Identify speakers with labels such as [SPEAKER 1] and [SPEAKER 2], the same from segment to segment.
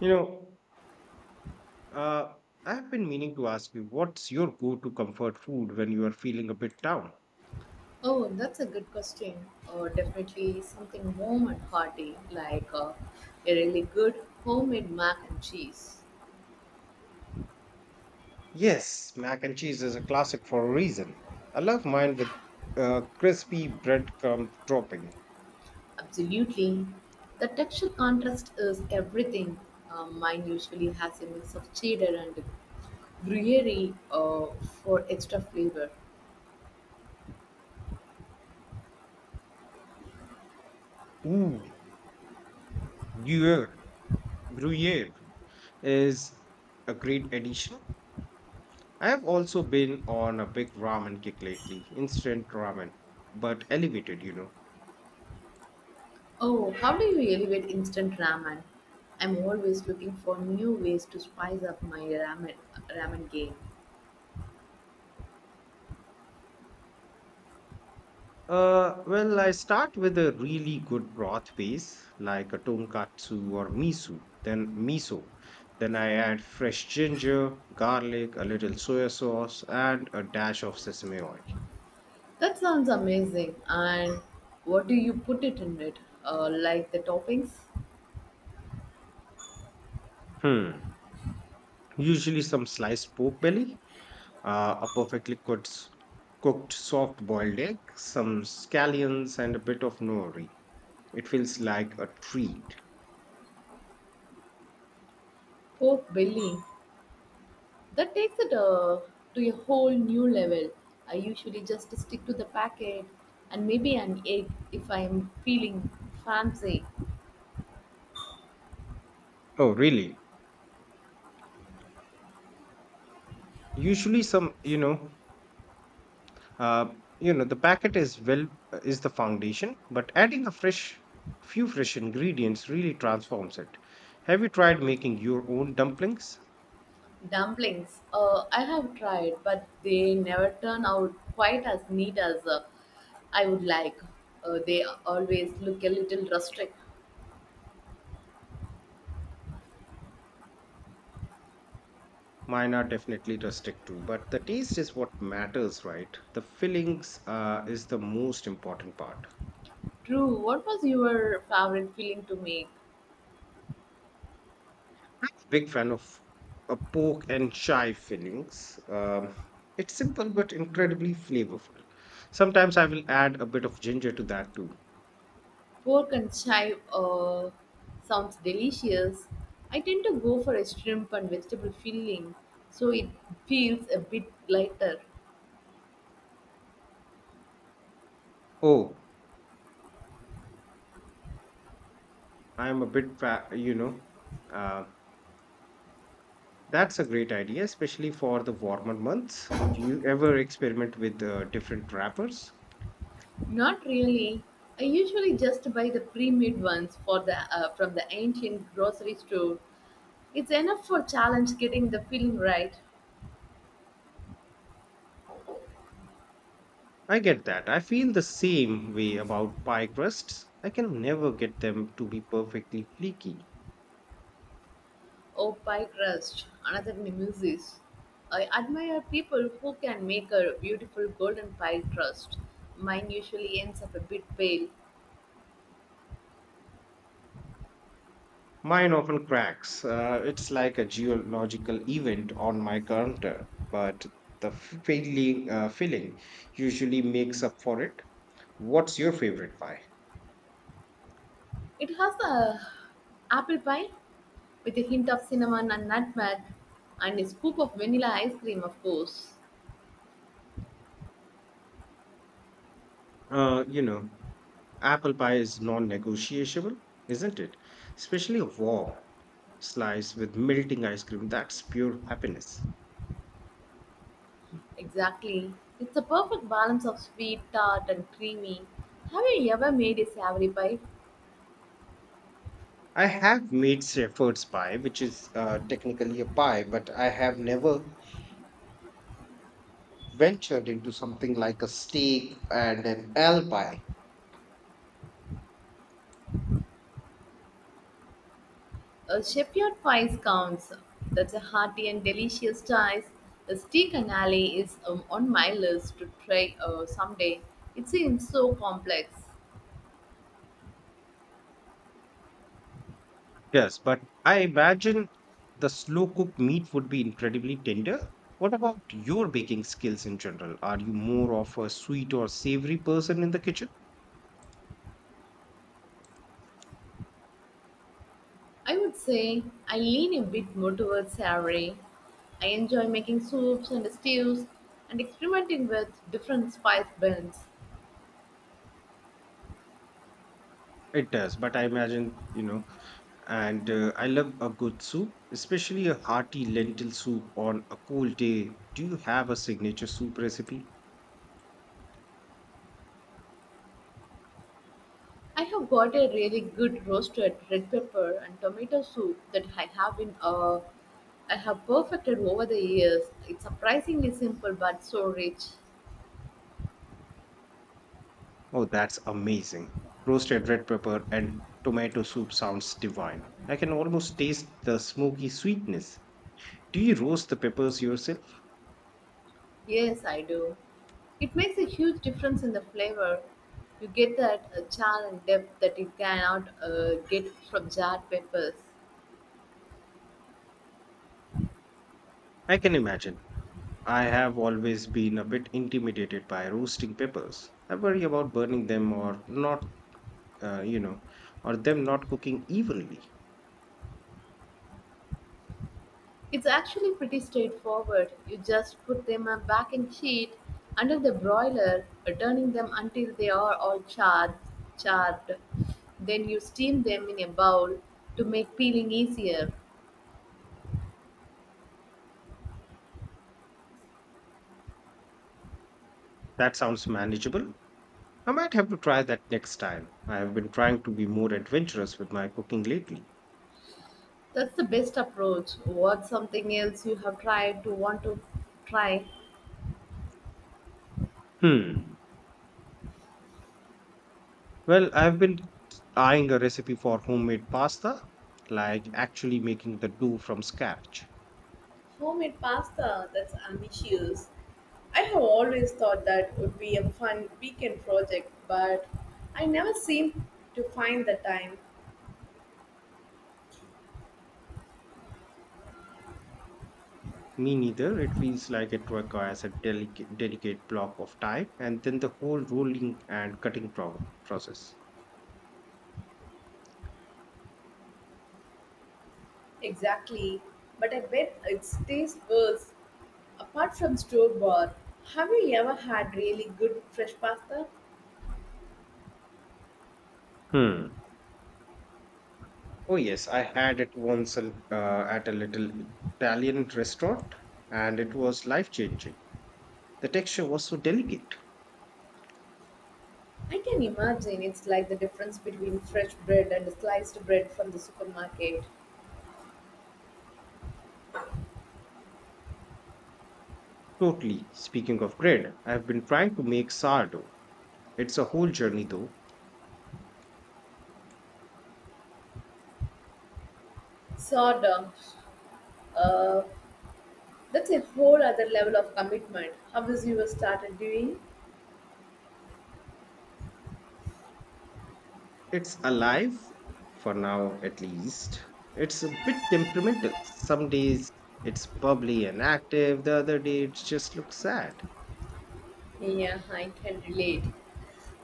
[SPEAKER 1] You know, uh, I've been meaning to ask you, what's your go-to comfort food when you are feeling a bit down?
[SPEAKER 2] Oh, that's a good question. Definitely something warm and hearty, like a really good homemade mac and cheese.
[SPEAKER 1] Yes, mac and cheese is a classic for a reason. I love mine with crispy breadcrumb topping.
[SPEAKER 2] Absolutely. The texture contrast is everything. Mine usually has a mix of cheddar and gruyere for extra flavor.
[SPEAKER 1] Ooh, Gruyere, Gruyere is a great addition. I have also been on a big ramen kick lately, instant ramen, but elevated, you know.
[SPEAKER 2] Oh, how do you elevate instant ramen? I'm always looking for new ways to spice up my ramen game.
[SPEAKER 1] Well, I start with a really good broth base, like a tonkatsu or miso. Then I add fresh ginger, garlic, a little soy sauce, and a dash of sesame oil.
[SPEAKER 2] That sounds amazing. And what do you put it in it? Like the toppings?
[SPEAKER 1] Hmm. Usually some sliced pork belly, a perfectly cooked, cooked soft boiled egg, some scallions, and a bit of nori. It feels like a treat.
[SPEAKER 2] Pork belly. That takes it to a whole new level. I usually just stick to the packet and maybe an egg if I am feeling fancy.
[SPEAKER 1] Oh, really? Usually, some uh, the packet is well is the foundation, but adding a fresh few fresh ingredients really transforms it. Have you tried making your own dumplings?
[SPEAKER 2] Dumplings. I have tried, but they never turn out quite as neat as I would like. They always look a little rustic.
[SPEAKER 1] Mine are definitely rustic too, but the taste is what matters, right? The fillings is the most important part.
[SPEAKER 2] True. What was your favorite filling to make?
[SPEAKER 1] Big fan of a pork and chive fillings. It's simple but incredibly flavorful. Sometimes I will add a bit of ginger to that too.
[SPEAKER 2] Pork and chive sounds delicious. I tend to go for a shrimp and vegetable filling, so it feels a bit lighter.
[SPEAKER 1] Oh, I'm a bit fat, you know. Uh, that's a great idea, especially for the warmer months. Do you ever experiment with different wrappers?
[SPEAKER 2] Not really. I usually just buy the pre-made ones for the from the ancient grocery store. It's enough for challenge getting the filling right.
[SPEAKER 1] I get that. I feel the same way about pie crusts. I can never get them to be perfectly flaky.
[SPEAKER 2] Oh, pie crust, another nemesis. I admire people who can make a beautiful golden pie crust. Mine usually ends up a bit pale.
[SPEAKER 1] Mine often cracks. It's like a geological event on my counter, but the feeling usually makes up for it. What's your favorite pie?
[SPEAKER 2] It has a apple pie with a hint of cinnamon and nutmeg and a scoop of vanilla ice cream, of course.
[SPEAKER 1] You know, apple pie is non-negotiable, isn't it? Especially a warm slice with melting ice cream. That's pure happiness.
[SPEAKER 2] Exactly. It's a perfect balance of sweet, tart, and creamy. Have you ever made a savory pie?
[SPEAKER 1] I have made Shepherd's pie, which is technically a pie, but I have never ventured into something like a steak and an ale pie.
[SPEAKER 2] A shepherd pie counts. That's a hearty and delicious choice. The steak and alley is on my list to try someday. It seems so complex.
[SPEAKER 1] Yes, but I imagine the slow cooked meat would be incredibly tender. What about your baking skills in general? Are you more of a sweet or savory person in the kitchen?
[SPEAKER 2] I would say I lean a bit more towards savory. I enjoy making soups and stews and experimenting with different spice blends.
[SPEAKER 1] It does, but I imagine, you know, and I love a good soup, especially a hearty lentil soup on a cold day. Do you have a signature soup recipe?
[SPEAKER 2] I have got a really good roasted red pepper and tomato soup that I have perfected over the years. It's surprisingly simple but so rich.
[SPEAKER 1] Oh, that's amazing. Roasted red pepper and tomato soup sounds divine. I can almost taste the smoky sweetness. Do you roast the peppers yourself?
[SPEAKER 2] Yes, I do. It makes a huge difference in the flavor. You get that char and depth that you cannot get from jarred peppers.
[SPEAKER 1] I can imagine. I have always been a bit intimidated by roasting peppers. I worry about burning them or not, you know, or them not cooking evenly.
[SPEAKER 2] It's actually pretty straightforward. You just put them on a baking sheet under the broiler, turning them until they are all charred. Then you steam them in a bowl to make peeling easier.
[SPEAKER 1] That sounds manageable. I might have to try that next time. I have been trying to be more adventurous with my cooking lately.
[SPEAKER 2] That's the best approach. What's something else you have tried to want to try?
[SPEAKER 1] Hmm. Well, I've been eyeing a recipe for homemade pasta, like actually making the dough from scratch.
[SPEAKER 2] Homemade pasta, that's ambitious. I have always thought that would be a fun weekend project, but I never seem to find the time.
[SPEAKER 1] Me neither. It feels like it requires a delicate block of time and then the whole rolling and cutting process.
[SPEAKER 2] Exactly, but I bet it tastes worse. Apart from store bought, have you ever had really good fresh pasta?
[SPEAKER 1] Hmm. Oh, yes. I had it once at a little Italian restaurant and it was life changing. The texture was so delicate.
[SPEAKER 2] I can imagine it's like the difference between fresh bread and sliced bread from the supermarket.
[SPEAKER 1] Totally. Speaking of bread, I've been trying to make sourdough. It's a whole journey though.
[SPEAKER 2] Sort of. Uh, that's a whole other level of commitment. How is you started doing?
[SPEAKER 1] It's alive, for now at least. It's a bit temperamental. Some days it's bubbly and active, the other day it just looks sad.
[SPEAKER 2] Yeah, I can relate.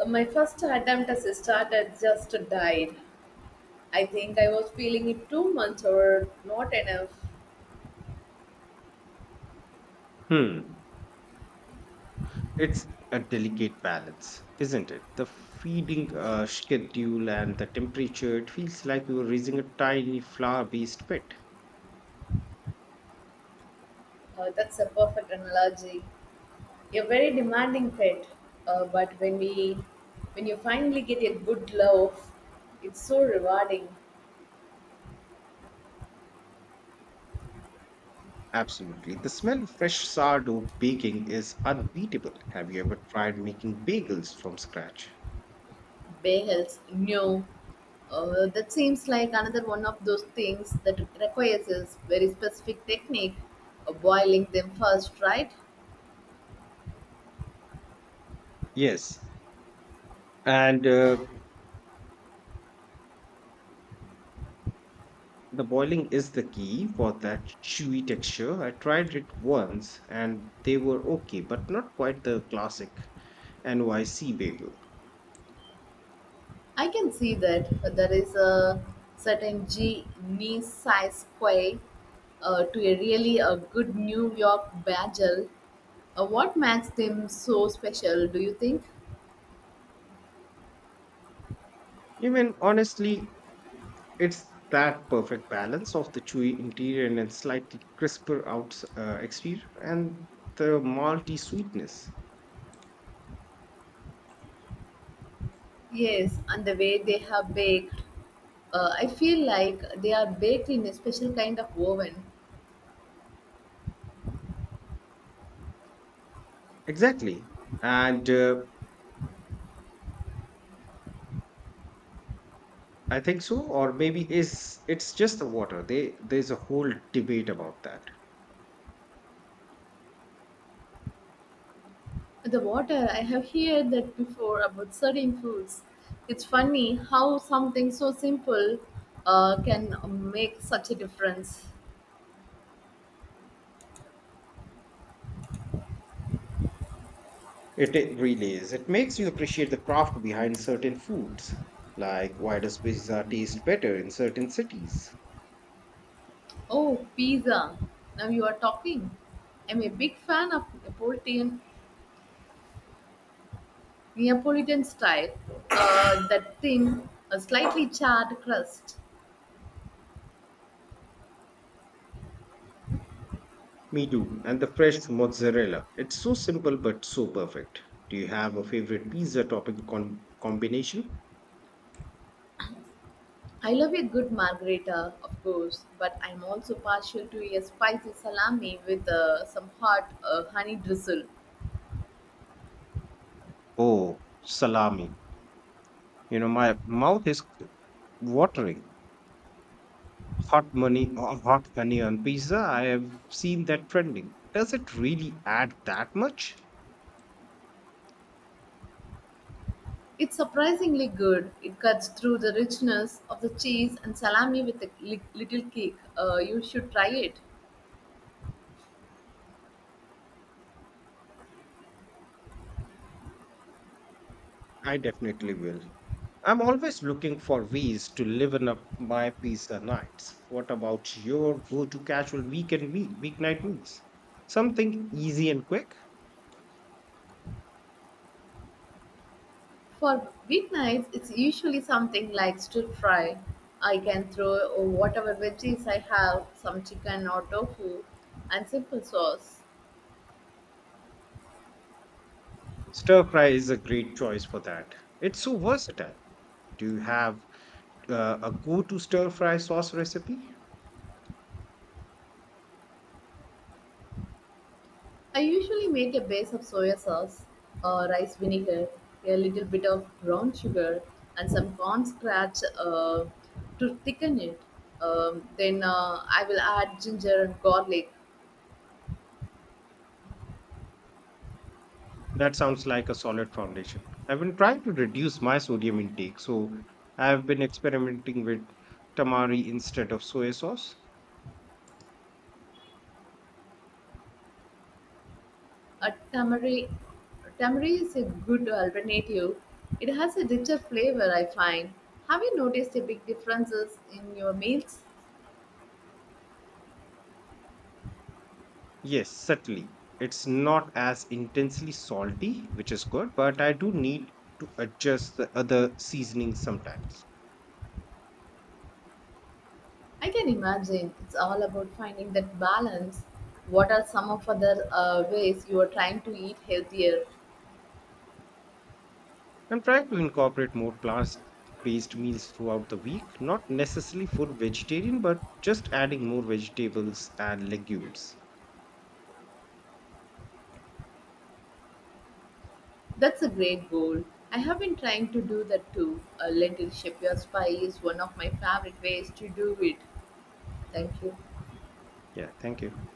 [SPEAKER 2] My first attempt as a starter just died. I think I was feeling it too much or not enough.
[SPEAKER 1] Hmm. It's a delicate balance, isn't it? The feeding schedule and the temperature, it feels like you're raising a tiny flower based pet.
[SPEAKER 2] That's a perfect analogy. A very demanding pet, but when you finally get a good love, it's so rewarding.
[SPEAKER 1] Absolutely. The smell of fresh sourdough baking is unbeatable. Have you ever tried making bagels from scratch?
[SPEAKER 2] Bagels, no. That seems like another one of those things that requires a very specific technique of boiling them first, right?
[SPEAKER 1] Yes. And The boiling is the key for that chewy texture. I tried it once and they were okay, but not quite the classic NYC bagel.
[SPEAKER 2] I can see that there is a certain G knee size quay to a really a good New York bagel. What makes them so special, do you think?
[SPEAKER 1] Even honestly, it's that perfect balance of the chewy interior and then slightly crisper out exterior and the malty sweetness.
[SPEAKER 2] Yes, and the way they are baked. I feel like they are baked in a special kind of oven.
[SPEAKER 1] Exactly. And I think so, or maybe is it's just the water. They, there's a whole debate about that.
[SPEAKER 2] The water, I have heard that before about certain foods. It's funny how something so simple can make such a difference.
[SPEAKER 1] It really is. It makes you appreciate the craft behind certain foods. Like, why does pizza taste better in certain cities?
[SPEAKER 2] Oh, pizza. Now you are talking. I'm a big fan of Neapolitan style. That thin, a slightly charred crust.
[SPEAKER 1] Me too. And the fresh mozzarella. It's so simple but so perfect. Do you have a favorite pizza topping combination?
[SPEAKER 2] I love a good margarita, of course, but I'm also partial to a spicy salami with some hot honey drizzle.
[SPEAKER 1] Oh, salami. You know, my mouth is watering. Hot money, hot honey on pizza. I have seen that trending. Does it really add that much?
[SPEAKER 2] It's surprisingly good. It cuts through the richness of the cheese and salami with a little kick. You should try it.
[SPEAKER 1] I definitely will. I'm always looking for ways to liven up my pizza nights. What about your go-to casual weekend meal weeknight meals, something easy and quick?
[SPEAKER 2] For weeknights, it's usually something like stir fry. I can throw whatever veggies I have, some chicken or tofu, and simple sauce.
[SPEAKER 1] Stir fry is a great choice for that. It's so versatile. Do you have a go-to stir fry sauce recipe?
[SPEAKER 2] I usually make a base of soy sauce, rice vinegar, a little bit of brown sugar, and some corn starch to thicken it. Then I will add ginger and garlic.
[SPEAKER 1] That sounds like a solid foundation. I've been trying to reduce my sodium intake, so I've been experimenting with tamari instead of soy sauce.
[SPEAKER 2] A tamari, tamari is a good alternative. It has a richer flavor, I find. Have you noticed a big differences in your meals?
[SPEAKER 1] Yes, certainly. It's not as intensely salty, which is good, but I do need to adjust the other seasonings sometimes.
[SPEAKER 2] I can imagine it's all about finding that balance. What are some of other ways you are trying to eat healthier?
[SPEAKER 1] I'm trying to incorporate more plant-based meals throughout the week, not necessarily full vegetarian, but just adding more vegetables and legumes.
[SPEAKER 2] That's a great goal. I have been trying to do that too. A lentil shepherd's pie is one of my favorite ways to do it. Thank you.
[SPEAKER 1] Yeah, thank you.